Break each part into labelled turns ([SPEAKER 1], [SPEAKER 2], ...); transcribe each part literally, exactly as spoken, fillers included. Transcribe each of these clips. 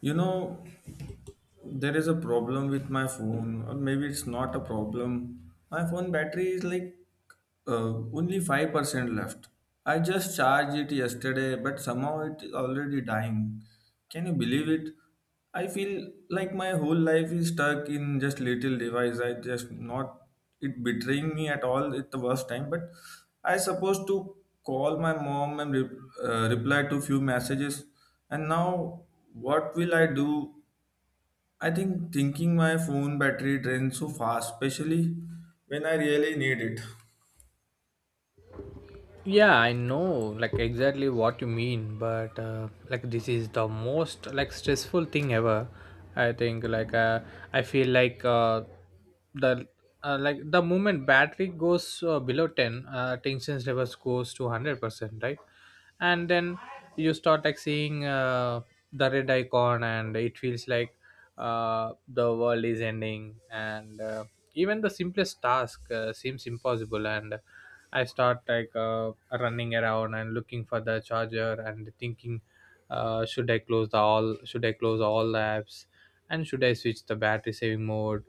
[SPEAKER 1] You know, there is a problem with my phone, or maybe it's not a problem. My phone battery is like uh, only five percent left. I just charged it yesterday, but somehow it is already dying. Can you believe it? I feel like my whole life is stuck in just little device. I just not, it betraying me at all at the worst time. But I supposed to call my mom and re- uh, reply to few messages, and now what will I do? I think thinking my phone battery drains so fast, especially when I really need it.
[SPEAKER 2] Yeah, I know, like, exactly what you mean, but uh, like, this is the most, like, stressful thing ever. I think, like, uh, I feel like, uh, the uh, like, the moment battery goes, uh, below ten, uh, tension levels goes to one hundred percent, right? And then you start, like, seeing uh, the red icon, and it feels like, uh, the world is ending, and uh, even the simplest task uh, seems impossible. And I start, like, uh, running around and looking for the charger and thinking, uh, should I close the all? Should I close all apps? And should I switch the battery saving mode?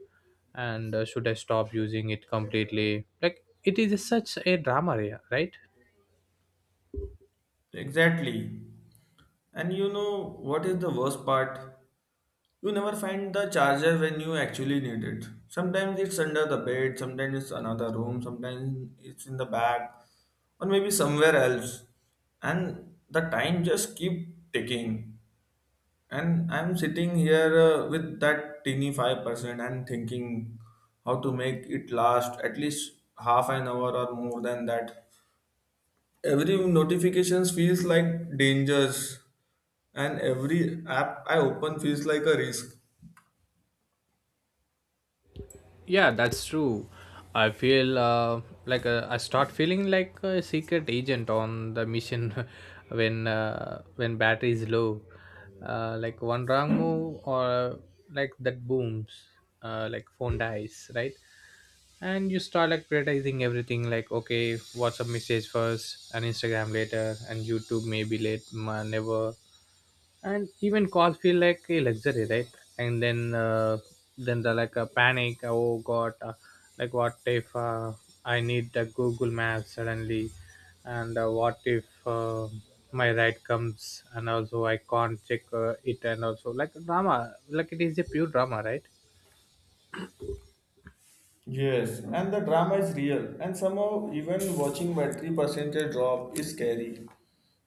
[SPEAKER 2] And uh, should I stop using it completely? Like, it is such a drama, yeah, right?
[SPEAKER 1] Exactly. And you know what is the worst part? You never find the charger when you actually need it. Sometimes it's under the bed, sometimes it's another room, sometimes it's in the bag, or maybe somewhere else. And the time just keep ticking. And I'm sitting here uh, with that teeny five percent and thinking how to make it last at least half an hour or more than that. Every notifications feels like dangers, and every app I open feels like a risk.
[SPEAKER 2] Yeah, that's true. I feel, uh, like, uh, I start feeling like a secret agent on the mission. when uh, when battery is low, uh, like, one wrong move or, like, that booms, uh, like, phone dies, right? And you start, like, prioritizing everything, like, okay, WhatsApp message first, and Instagram later, and YouTube maybe late ma- never. And even cars feel like a luxury, right? And then uh, then the, like, a panic, oh god, uh, like, what if uh, I need the Google Maps suddenly, and uh, what if uh, my ride comes, and also I can't check uh, it. And also, like, drama, like, it is a pure drama, right?
[SPEAKER 1] Yes, and the drama is real, and somehow even watching battery percentage drop is scary.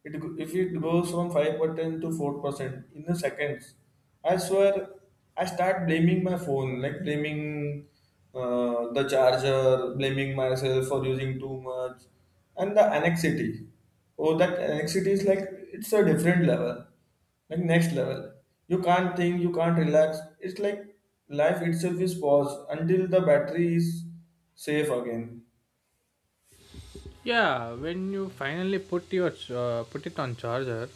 [SPEAKER 1] It go- if it goes from five percent to four percent in the seconds, I swear I start blaming my phone, like blaming uh, the charger, blaming myself for using too much, and the anxiety. Oh, that anxiety is like, it's a different level, like next level. You can't think, you can't relax. It's like life itself is paused until the battery is safe again.
[SPEAKER 2] Yeah, when you finally put your ch- uh, put it on charger,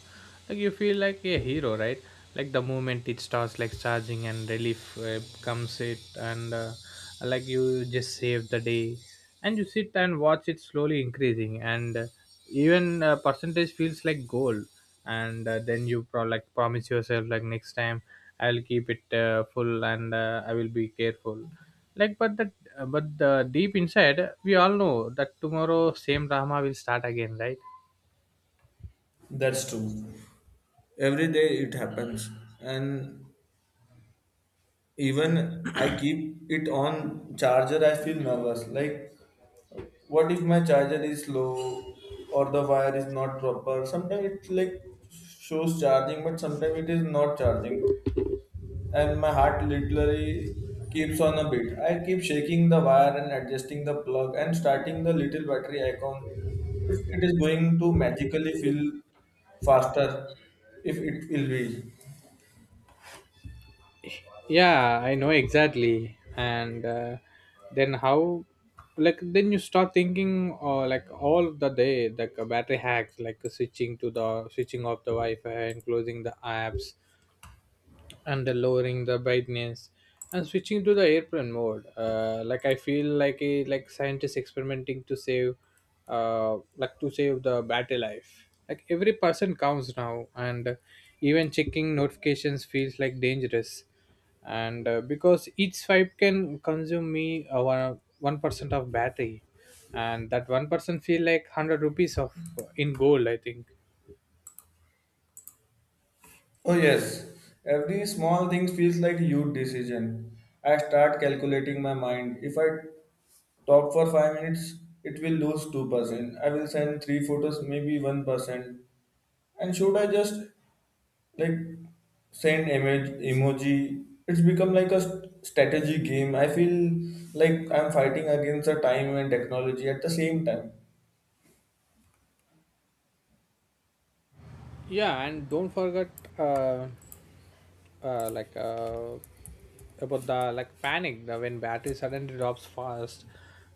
[SPEAKER 2] like, you feel like a hero, right? Like, the moment it starts, like, charging, and relief uh, comes it, and uh, like, you just save the day, and you sit and watch it slowly increasing, and uh, even uh, percentage feels like gold, and uh, then you pro- like, promise yourself, like, next time I'll keep it uh, full, and uh, I will be careful, like, but the, but the deep inside, we all know that tomorrow same drama will start again, right?
[SPEAKER 1] That's true. Every day it happens. And even I keep it on charger, I feel nervous, like what if my charger is low or the wire is not proper. Sometimes it like shows charging, but sometimes it is not charging, and my heart literally keeps on a beat. I keep shaking the wire and adjusting the plug and starting the little battery icon. If it is going to magically feel faster, if it will be.
[SPEAKER 2] Yeah, I know exactly. And uh, then how, like, then you start thinking, or, like, all the day, like, uh, battery hacks, like, uh, switching to the switching off the Wi-Fi and closing the apps, and then lowering the brightness, and switching to the airplane mode. Uh, like, I feel like a, like, scientist experimenting to save, uh, like, to save the battery life, like, every person counts now. And even checking notifications feels like dangerous. And uh, because each swipe can consume me uh, one one percent of battery, and that one person feel like one hundred rupees of, uh, in gold, I think.
[SPEAKER 1] Oh yes, every small thing feels like a huge decision. I start calculating my mind. If I talk for five minutes, it will lose two percent. I will send three photos, maybe one percent. And should I just like send image emoji? It's become like a st- strategy game, I feel like I'm fighting against the time and technology at the same time.
[SPEAKER 2] Yeah, and don't forget, uh, uh, like, uh, about the, like, panic, the, when battery suddenly drops fast.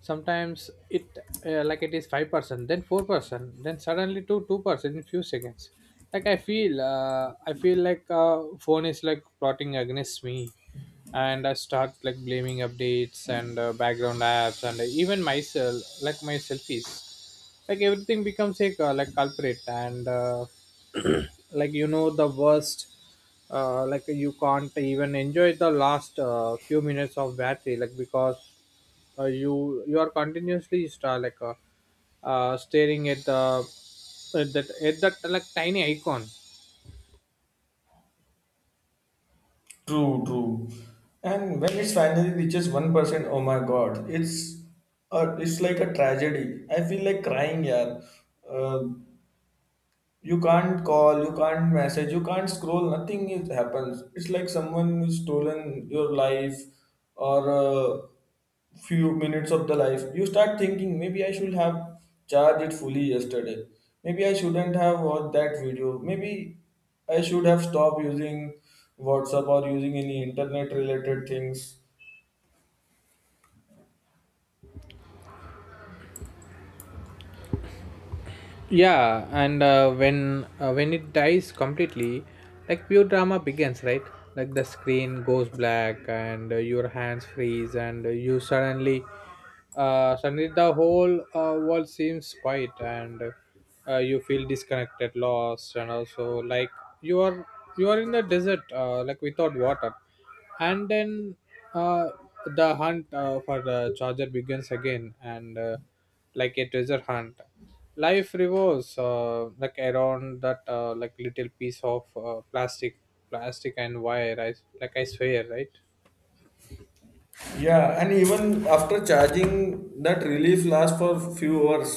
[SPEAKER 2] Sometimes it, uh, like, it is five percent, then four percent, then suddenly to two percent in few seconds. Like, i feel uh, I feel like, uh, phone is, like, plotting against me, and I start, like, blaming updates, and uh, background apps, and even myself, like, my selfies, like, everything becomes a, uh, like, culprit, and uh, like, you know, the worst, uh, like, you can't even enjoy the last uh, few minutes of battery, like, because uh, you you are continuously star like uh, uh, staring at the, at that at that, like, tiny icon.
[SPEAKER 1] True, true. And when it finally reaches one percent, oh my god, it's uh, it's like a tragedy. I feel like crying, yeah. You can't call, you can't message, you can't scroll. Nothing is, happens. It's like someone who's stolen your life or uh, few minutes of the life. You start thinking maybe I should have charged it fully yesterday, maybe I shouldn't have watched that video, maybe I should have stopped using WhatsApp or using any internet related things.
[SPEAKER 2] Yeah, and uh, when uh, when it dies completely, like, pure drama begins, right? Like, the screen goes black, and uh, your hands freeze, and uh, you suddenly uh, suddenly the whole uh, world seems quiet, and uh, you feel disconnected, lost, and also, like, you are you are in the desert, uh, like, without water. And then uh, the hunt, uh, for the charger begins again, and uh, like, a treasure hunt, life revolves, uh, like, around that, uh, like, little piece of, uh, plastic plastic and wire. I, like, I swear, right?
[SPEAKER 1] Yeah, and even after charging, that relief lasts for few hours.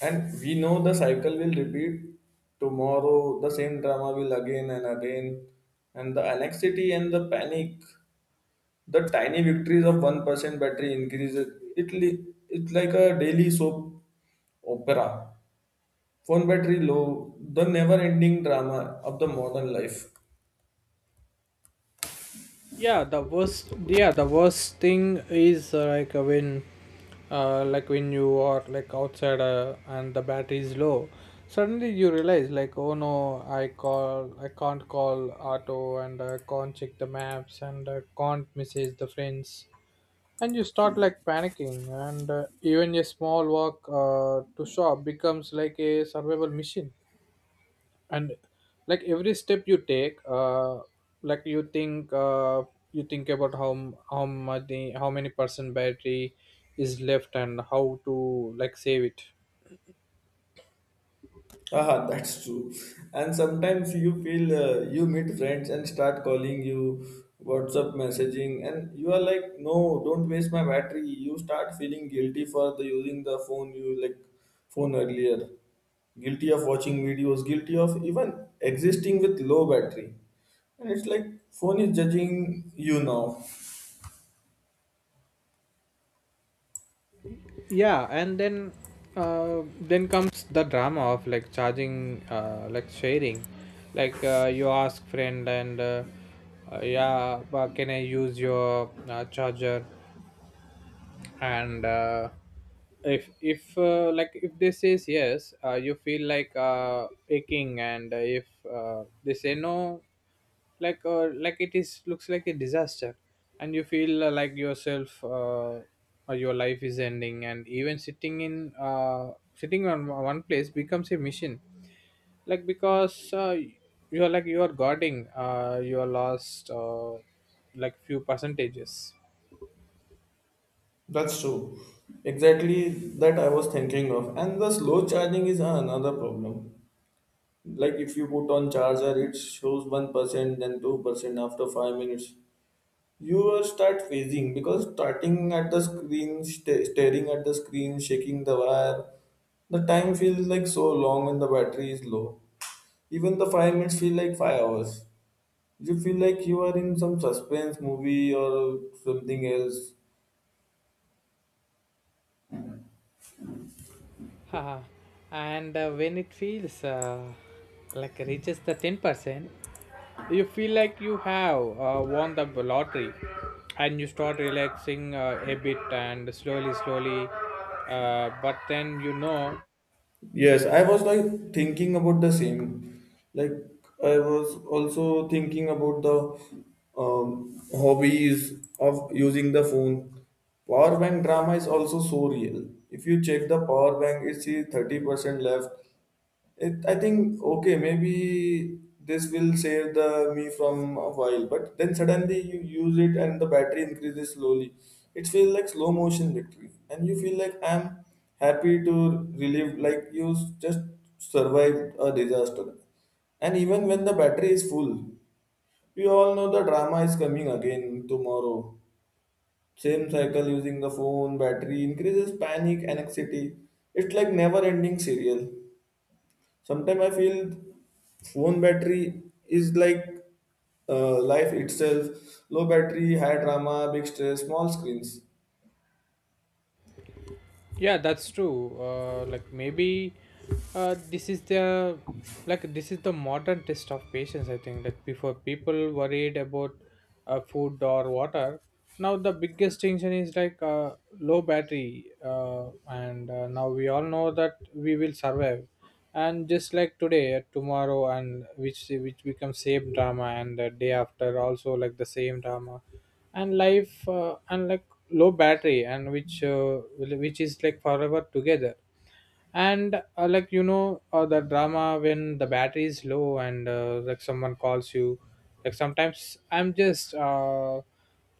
[SPEAKER 1] And we know the cycle will repeat tomorrow, the same drama will again and again. And the anxiety and the panic, the tiny victories of one percent battery increases. It li- it's like a daily soap opera. Phone battery low, the never ending drama of the modern life.
[SPEAKER 2] yeah the worst Yeah, the worst thing is, uh, like, uh, when, uh, like, when you are, like, outside, uh, and the battery is low, suddenly you realize, like, oh no, i call I can't call auto, and I can't check the maps, and I can't message the friends, and you start, like, panicking, and uh, even a small walk uh, to shop becomes like a survival mission. And, like, every step you take, uh like, you think, uh you think about how m- how much the how many percent battery is left and how to, like, save it.
[SPEAKER 1] Ah, that's true. And sometimes you feel uh, you meet friends and start calling you, WhatsApp messaging, and you are like, no, don't waste my battery. You start feeling guilty for the using the phone, you like phone earlier. Guilty of watching videos, guilty of even existing with low battery. And it's like phone is judging you now.
[SPEAKER 2] Yeah, and then uh then comes the drama of, like, charging uh like sharing, like, uh, you ask friend, and uh, uh, yeah, but can I use your uh, charger? And uh, if if uh, like, if they says yes, uh, you feel like, uh, aching, and if uh, they say no, like, uh, like, it is looks like a disaster, and you feel, uh, like, yourself, uh, or your life is ending, and even sitting in uh, sitting on one place becomes a mission, like, because uh, you are, like, you are guarding, uh, you are lost, uh, like, few percentages.
[SPEAKER 1] That's true. Exactly that I was thinking of. And the slow charging is another problem. Like if you put on charger, it shows one percent, then two percent after five minutes. You will start phasing because starting at the screen, sta staring at the screen, shaking the wire, the time feels like so long. And the battery is low, even the five minutes feel like five hours. You feel like you are in some suspense movie or something else.
[SPEAKER 2] Haha. And uh, when it feels, uh, like, reaches the ten percent, you feel like you have uh, won the lottery, and you start relaxing uh, a bit, and slowly, slowly. Uh, but then you know.
[SPEAKER 1] Yes, I was like thinking about the same. Like I was also thinking about the um, hobbies of using the phone. Power bank drama is also so real. If you check the power bank, it's thirty percent left, it, I think okay, maybe this will save the me from a while, but then suddenly you use it and the battery increases slowly. It feels like slow motion victory, and you feel like I'm happy to relive, like you s- just survived a disaster. And even when the battery is full, we all know the drama is coming again tomorrow. Same cycle using the phone, battery increases, panic, anxiety. It's like never ending serial. Sometimes I feel phone battery is like uh, life itself. Low battery, high drama, big stress, small screens.
[SPEAKER 2] Yeah, that's true. Uh, like, maybe uh, this is the like, this is the modern test of patience, I think. Like, before, people worried about uh, food or water. Now the biggest tension is, like, uh, low battery, uh, and uh, now we all know that we will survive. And just like today, uh, tomorrow, and which which becomes same drama, and the day after also, like, the same drama. And life, uh, and, like, low battery, and which uh, which is, like, forever together. And uh, like, you know uh, the drama when the battery is low. And uh, like, someone calls you, like, sometimes I'm just, uh,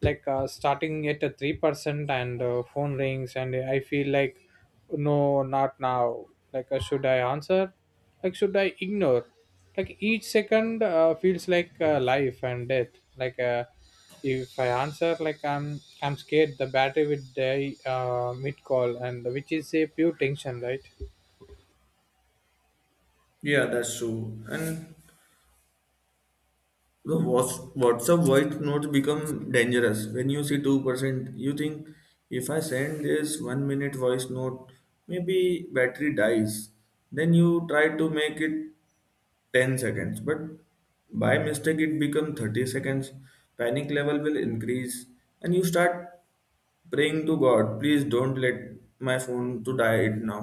[SPEAKER 2] like, uh, starting at a three percent, and uh, phone rings and I feel like, no, not now. Like, uh, should I answer, like, should I ignore. Like, each second uh, feels like, uh, life and death. Like, uh, if I answer, like, i'm i'm scared the battery would die uh, mid call, and which is a pure tension, right?
[SPEAKER 1] Yeah, that's true. And the whats- WhatsApp voice notes become dangerous. When you see two percent, you think if I send this one minute voice note, maybe battery dies. Then you try to make it ten seconds, but by mistake it become thirty seconds. Panic level will increase, and you start praying to God, please don't let my phone to die it now.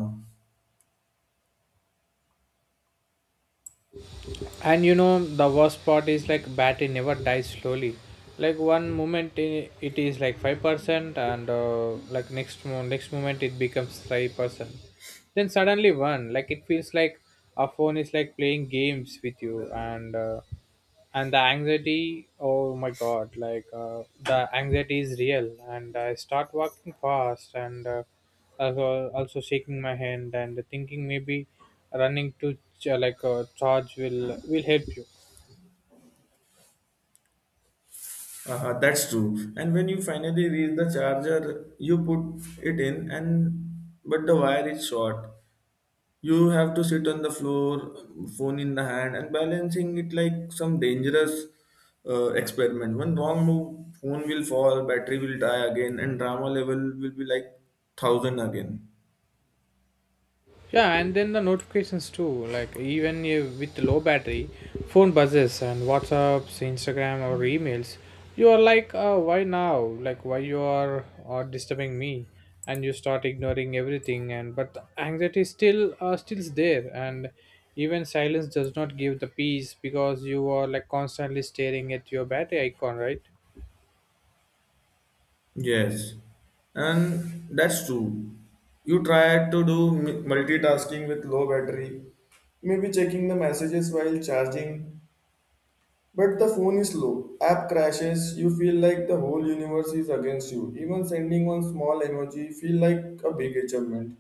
[SPEAKER 2] And you know the worst part is, like, battery never dies slowly. Like, one moment i- it is like five percent, and uh, like, next mo- next moment it becomes five percent. Then suddenly one, like, it feels like a phone is, like, playing games with you. And uh, and the anxiety, oh my god, like, uh, the anxiety is real. And I start walking fast, and uh, also, also shaking my hand and thinking maybe running to ch- like, uh, charge will will help you.
[SPEAKER 1] Uh, that's true. And when you finally reach the charger, you put it in, and but the wire is short. You have to sit on the floor, phone in the hand, and balancing it like some dangerous uh, experiment. One wrong move, phone will fall, battery will die again, and drama level will be like thousand again.
[SPEAKER 2] Yeah, and then the notifications too. Like, even if with low battery, phone buzzes and WhatsApps, Instagram, or emails. You are like, uh, why now? Like, why you are uh, disturbing me? And you start ignoring everything. And but the anxiety still uh, still is there. And even silence does not give the peace because you are, like, constantly staring at your battery icon, right?
[SPEAKER 1] Yes, and that's true. You try to do m- multitasking with low battery, maybe checking the messages while charging, but the phone is slow, app crashes, you feel like the whole universe is against you. Even sending one small emoji feel like a big achievement.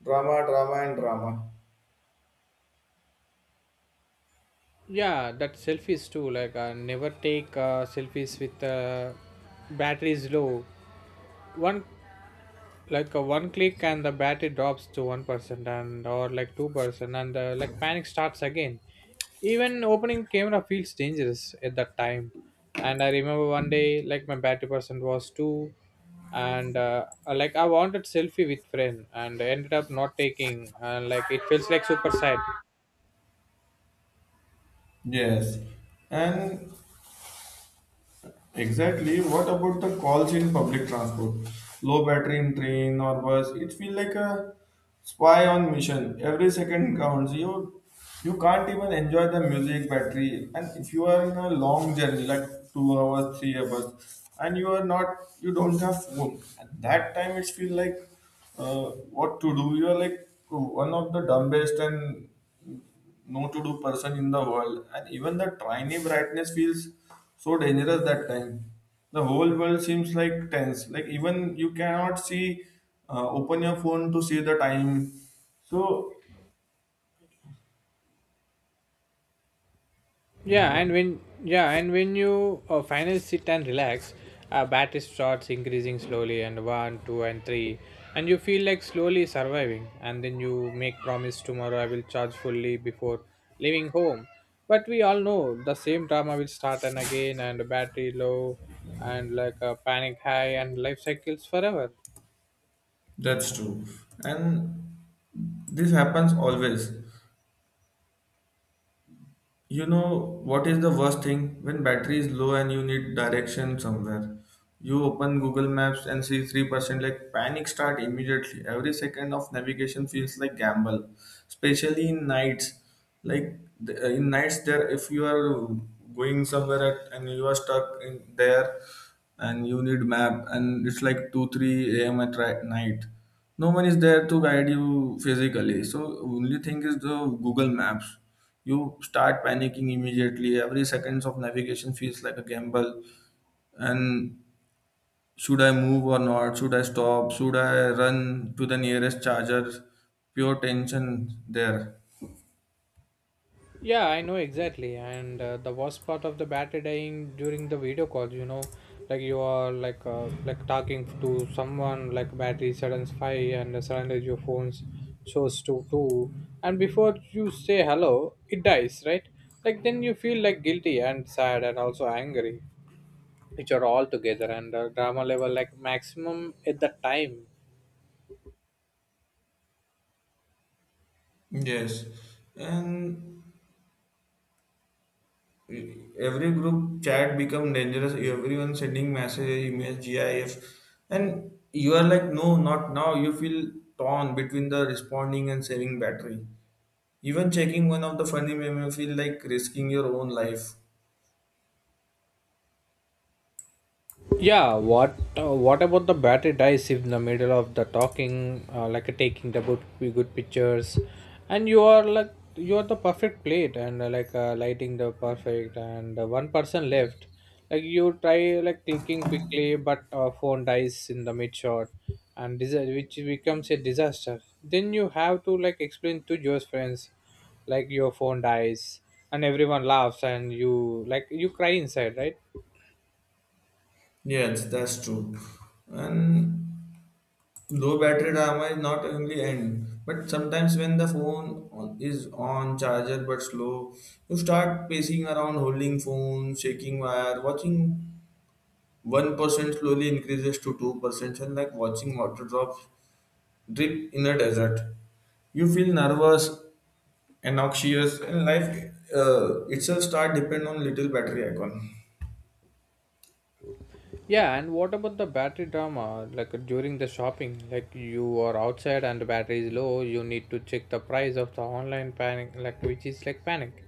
[SPEAKER 1] Drama, drama, and drama.
[SPEAKER 2] Yeah, that selfies too. Like, uh, never take uh, selfies with uh, batteries low. One, like, a one click and the battery drops to one percent, and or, like, two percent, and uh, like, panic starts again. Even opening camera feels dangerous at that time. And I remember one day, like, my battery percent was two, and uh, like, I wanted selfie with friend and ended up not taking, and, like, it feels like super sad.
[SPEAKER 1] Yes, and exactly. What about the calls in public transport? Low battery in train or bus. It feels like a spy on mission. Every second counts. You you can't even enjoy the music battery. And if you are in a long journey, like two hours, three hours, and you are not, you don't have phone. At that time, it feels like uh, what to do. You are like one of the dumbest and no to do person in the world, and even the tiny brightness feels so dangerous that time. The whole world seems like tense, like even you cannot see, uh, open your phone to see the time. So, you
[SPEAKER 2] Yeah,
[SPEAKER 1] go
[SPEAKER 2] and
[SPEAKER 1] on.
[SPEAKER 2] when yeah, and when you uh, finally sit and relax, uh, battery starts increasing slowly, and one, two, and three, and you feel like slowly surviving. And then you make promise, tomorrow I will charge fully before leaving home. But we all know the same drama will start and again, and battery low, and, like, a panic high, and life cycles forever.
[SPEAKER 1] That's true, and this happens always. You know what is the worst thing? When battery is low and you need direction somewhere, you open Google Maps and see three percent, like panic start immediately. Every second of navigation feels like gamble, especially in nights. Like the- uh, in nights there, if you are going somewhere at, and you are stuck in there, and you need map, and it's like two three a m at ri- night, no one is there to guide you physically, so only thing is the Google Maps. You start panicking immediately. Every seconds of navigation feels like a gamble. And should I move or not? Should I stop? Should I run to the nearest charger? Pure tension there.
[SPEAKER 2] Yeah, I know exactly. And uh, the worst part of the battery dying during the video calls, you know, like, you are like, uh, like, talking to someone, like, battery suddenly five, and suddenly your phone's shows to two, and before you say hello, it dies, right? Like, then you feel like guilty and sad and also angry, which are all together, and the drama level, like, maximum at the time.
[SPEAKER 1] Yes, and every group chat become dangerous. Everyone sending message, email, GIF, and you are like, no, not now. You feel torn between the responding and saving battery. Even checking one of the funny meme may feel like risking your own life.
[SPEAKER 2] Yeah, what uh, what about the battery dies if in the middle of the talking, uh, like, taking the good good pictures, and you are like, you are the perfect plate, and uh, like, uh, lighting the perfect, and uh, one person left, like, you try, like, clicking quickly, but uh, phone dies in the mid shot, and this which becomes a disaster. Then you have to, like, explain to your friends, like, your phone dies, and everyone laughs, and you, like, you cry inside, right?
[SPEAKER 1] Yes, that's true. And low battery drama is not only end, but sometimes when the phone on- is on charger but slow, you start pacing around, holding phone, shaking wire, watching one percent slowly increases to two percent, and like watching water drops drip in a desert. You feel nervous and noxious, and life uh, itself start depend on little battery icon.
[SPEAKER 2] Yeah, and what about the battery drama? Like during the shopping, like you are outside and the battery is low, you need to check the price of the online panic, like which is like panic,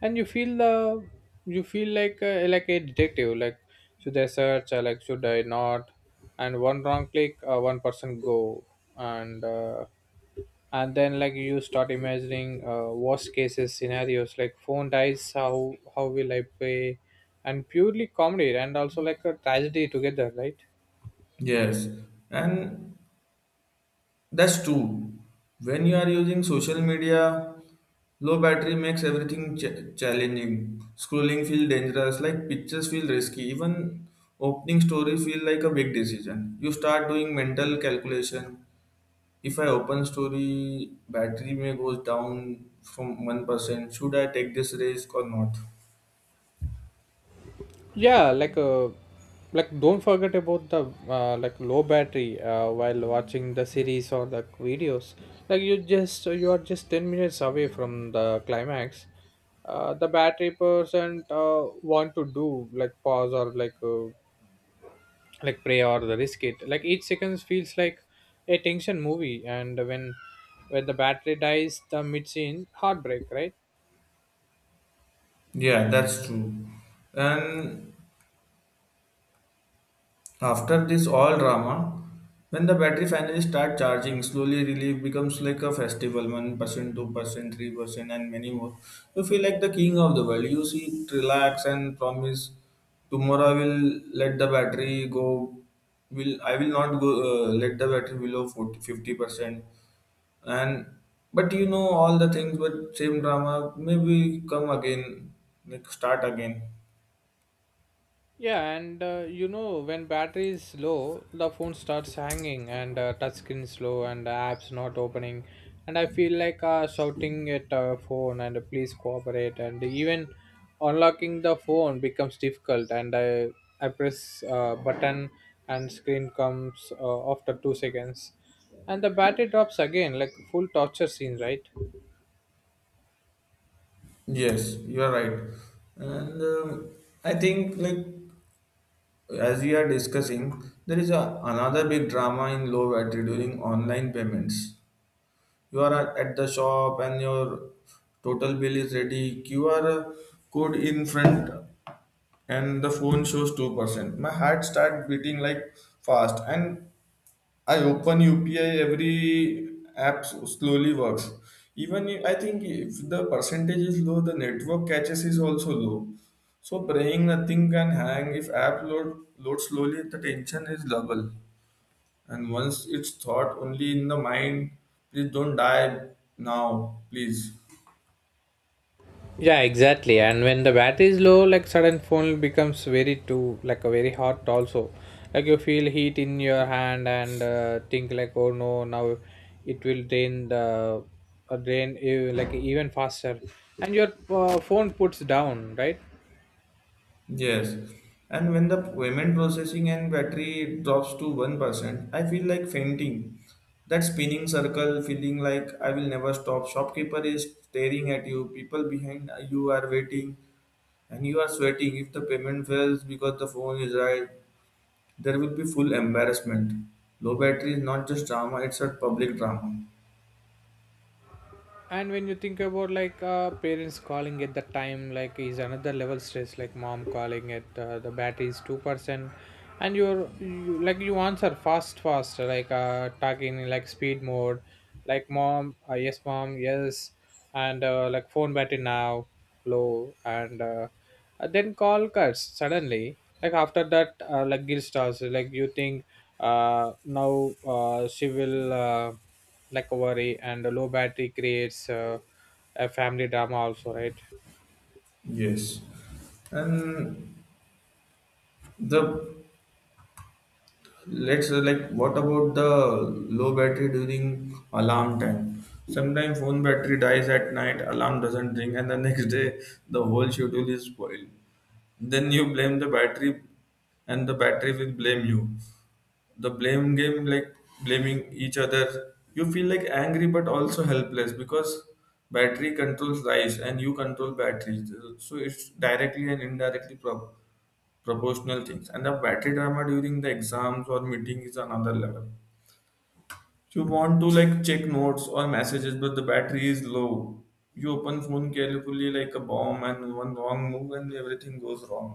[SPEAKER 2] and you feel the you feel like uh, like a detective. Like should I search? Or like should I not? And one wrong click, uh, one person go, and uh, and then like you start imagining uh, worst cases scenarios like phone dies. How how will I pay? And purely comedy and also like a tragedy together, right?
[SPEAKER 1] Yes, and that's true. When you are using social media, low battery makes everything ch- challenging. Scrolling feel dangerous, like pictures feel risky. Even opening story feel like a big decision. You start doing mental calculation. If I open story, battery may goes down from one percent. Should I take this risk or not?
[SPEAKER 2] Yeah, like uh, like don't forget about the uh, like low battery uh, while watching the series or the videos. Like you just you are just ten minutes away from the climax. Uh, the battery percent uh, want to do like pause or like uh, like Prey or The Risk It. Like each seconds feels like a tension movie, and when when the battery dies, the mid scene heartbreak, right?
[SPEAKER 1] Yeah, that's true. And after this all drama, when the battery finally start charging, slowly relief becomes like a festival, one percent, two percent, three percent and many more. You feel like the king of the world. You sit, relax and promise tomorrow I will let the battery go. Will I will not go uh, let the battery below forty, fifty percent. And but you know all the things, but same drama maybe come again, like start again.
[SPEAKER 2] Yeah, and uh, you know, when battery is low, the phone starts hanging and uh, touchscreen slow and apps not opening. And I feel like uh, shouting at uh, phone and uh, please cooperate. And even unlocking the phone becomes difficult. And I, I press uh, button and screen comes uh, after two seconds. And the battery drops again, like full torture scene, right?
[SPEAKER 1] Yes, you are right. And um, I think, like, as we are discussing, there is a, another big drama in low battery during online payments. You are at, at the shop and your total bill is ready, Q R code in front, and the phone shows two percent. My heart starts beating like fast, and I open U P I, every app slowly works. Even if- I think if the percentage is low, the network catches is also low. So praying nothing can hang. If app load load slowly, the tension is double. And once it's thought only in the mind, please don't die now, please.
[SPEAKER 2] Yeah, exactly. And when the battery is low, like sudden phone becomes very too like a very hot also. Like you feel heat in your hand and uh, think like, oh no, now it will drain the uh, drain uh, like even faster, and your uh, phone puts down, right?
[SPEAKER 1] Yes, and when the payment processing and battery drops to one percent, I feel like fainting. That spinning circle feeling like I will never stop. Shopkeeper is staring at you, people behind you are waiting, and you are sweating. If the payment fails because the phone is right, there will be full embarrassment. Low battery is not just drama, it's a public drama.
[SPEAKER 2] And when you think about like uh, parents calling at the time like is another level stress, like mom calling at uh, the battery is two percent, and you're you, like you answer fast fast like uh, talking in like speed mode, like mom, uh, yes mom, yes, and uh, like phone battery now low, and uh, uh, then call cuts suddenly. Like after that, uh, like guilt starts, like you think uh, now uh, she will uh, recovery, and a low battery creates uh, a family drama also, right?
[SPEAKER 1] Yes. And the Let's uh, like what about the low battery during alarm time? Sometimes phone battery dies at night, alarm doesn't ring, and the next day the whole schedule is spoiled. Then you blame the battery, and the battery will blame you. The blame game, like blaming each other, you feel like angry but also helpless because battery controls lives and you control batteries. So it's directly and indirectly prob- proportional things, and the battery drama during the exams or meeting is another level. You want to like check notes or messages, but the battery is low. You open phone carefully like a bomb, and one wrong move and everything goes wrong.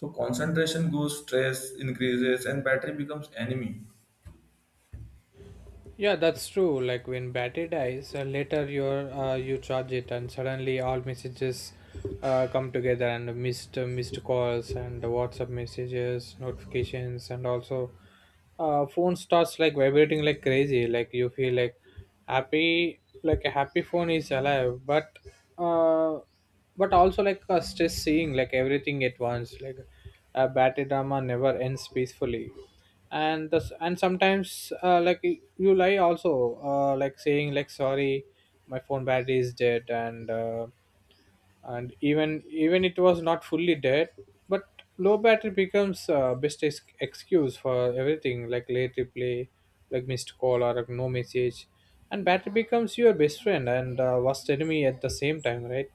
[SPEAKER 1] So concentration goes, stress increases, and battery becomes enemy.
[SPEAKER 2] Yeah, that's true. Like when battery dies uh, later, your uh, you charge it and suddenly all messages uh, come together and missed uh, missed calls and WhatsApp messages notifications. And also uh, phone starts like vibrating like crazy, like you feel like happy, like a happy phone is alive, but uh but also like a stress seeing like everything at once, like a battery drama never ends peacefully. And this, and sometimes uh, like you lie also, uh, like saying like sorry, my phone battery is dead, and uh, and even even it was not fully dead, but low battery becomes uh, best ex- excuse for everything, like late replay, like missed call, or like no message. And battery becomes your best friend and uh, worst enemy at the same time, right?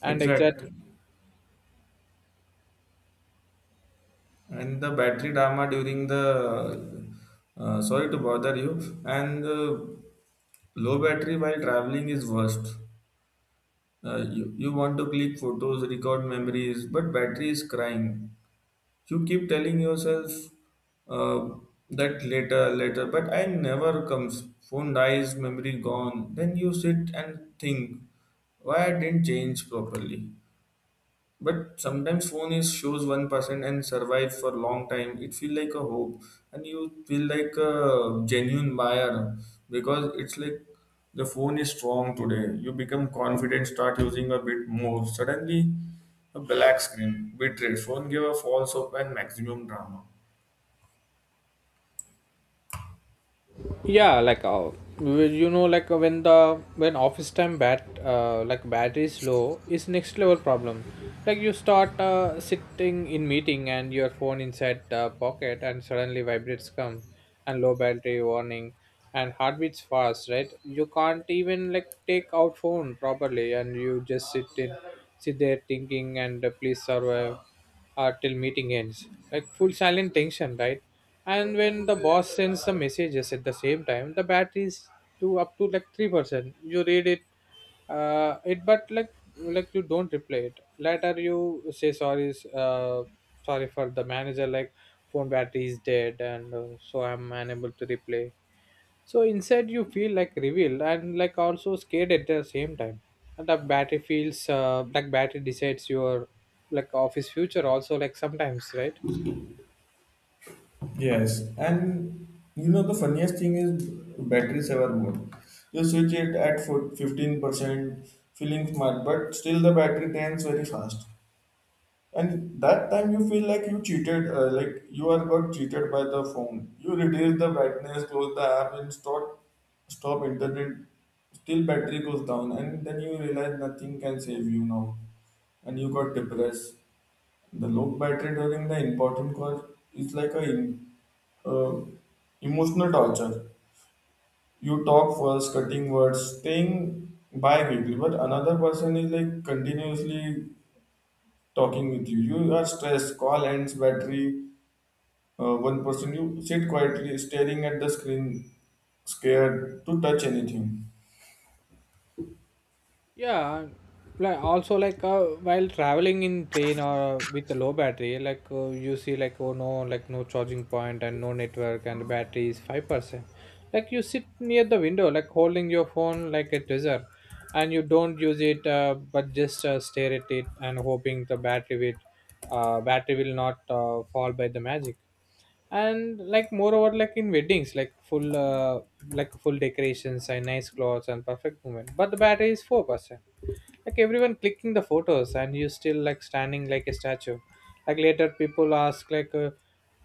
[SPEAKER 2] And exact.
[SPEAKER 1] Exactly. And the battery drama during the uh, sorry to bother you, and uh, low battery while traveling is worst. Uh, you, you want to click photos, record memories, but battery is crying. You keep telling yourself uh, that later, later, but I never comes. Phone dies, memory gone. Then you sit and think, why I didn't change properly. But sometimes phone is shows one percent and survive for long time. It feel like a hope, and you feel like a genuine buyer because it's like the phone is strong today. You become confident, start using a bit more. Suddenly, a black screen, bitrate, phone give a false hope and maximum drama.
[SPEAKER 2] Yeah, like uh, well, you know, like uh, when the when office time bat uh, like battery is low is next level problem. Like you start uh, sitting in meeting and your phone inside the pocket and suddenly vibrates come and low battery warning, and heartbeats fast, right? You can't even like take out phone properly, and you just sit in sit there thinking and uh, please survive uh, till meeting ends, like full silent tension, right? And when the boss sends the messages at the same time, the battery is to up to like three percent. You read it, uh, it, but like like you don't reply it. Later you say sorry, uh, sorry for the manager, like phone battery is dead, and uh, so I'm unable to replay, so inside you feel like revealed and like also scared at the same time. And the battery feels uh, like battery decides your like office future also, like sometimes, right?
[SPEAKER 1] Yes, and you know the funniest thing is battery saver mode. You switch it at fifteen percent, feeling smart, but still the battery drains very fast. And that time you feel like you cheated, uh, like you are got cheated by the phone. You reduce the brightness, close the app, and stop stop internet. Still battery goes down, and then you realize nothing can save you now, and you got depressed. The low battery during the important call is like a em- uh, emotional torture. You talk first, cutting words, staying bi-weekly, but another person is like continuously talking with you. You are stressed, call ends, battery. Uh, one person, you sit quietly, staring at the screen, scared to touch anything.
[SPEAKER 2] Yeah, like also like uh, while traveling in train or with a low battery, like uh, you see like oh no, like no charging point and no network and battery is five percent. Like you sit near the window, like holding your phone like a treasure, and you don't use it, uh, but just uh, stare at it and hoping the battery will, uh, battery will not uh, fall by the magic. And like moreover, like in weddings, like full, uh, like full decorations and nice clothes and perfect moment, but the battery is four percent. Like everyone clicking the photos and you still like standing like a statue. Like later people ask like, uh,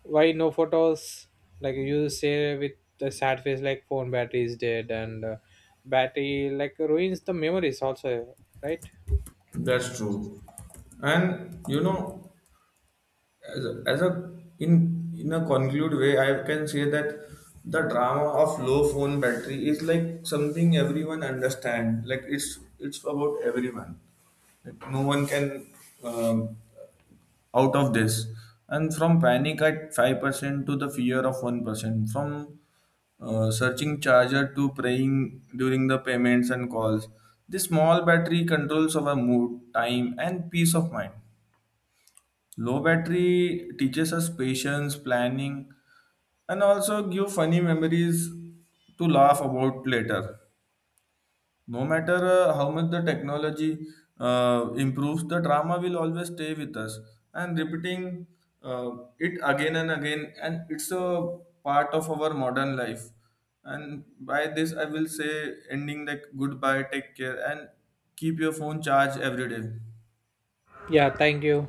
[SPEAKER 2] why no photos? Like you say with a sad face, like phone battery is dead, and uh, battery like ruins the memories also, right?
[SPEAKER 1] That's true. And you know, as a, as a in in a conclude way, I can say that the drama of low phone battery is like something everyone understand. Like it's it's about everyone. Like no one can um out of this. And from panic at five percent to the fear of one percent, from uh, searching charger to praying during the payments and calls, this small battery controls our mood, time, and peace of mind. Low battery teaches us patience, planning, and also give funny memories to laugh about later. No matter uh, how much the technology uh, improves, the drama will always stay with us. And repeating uh, it again and again, and it's a part of our modern life. And by this, I will say ending like goodbye, take care, and keep your phone charged every day.
[SPEAKER 2] Yeah, thank you.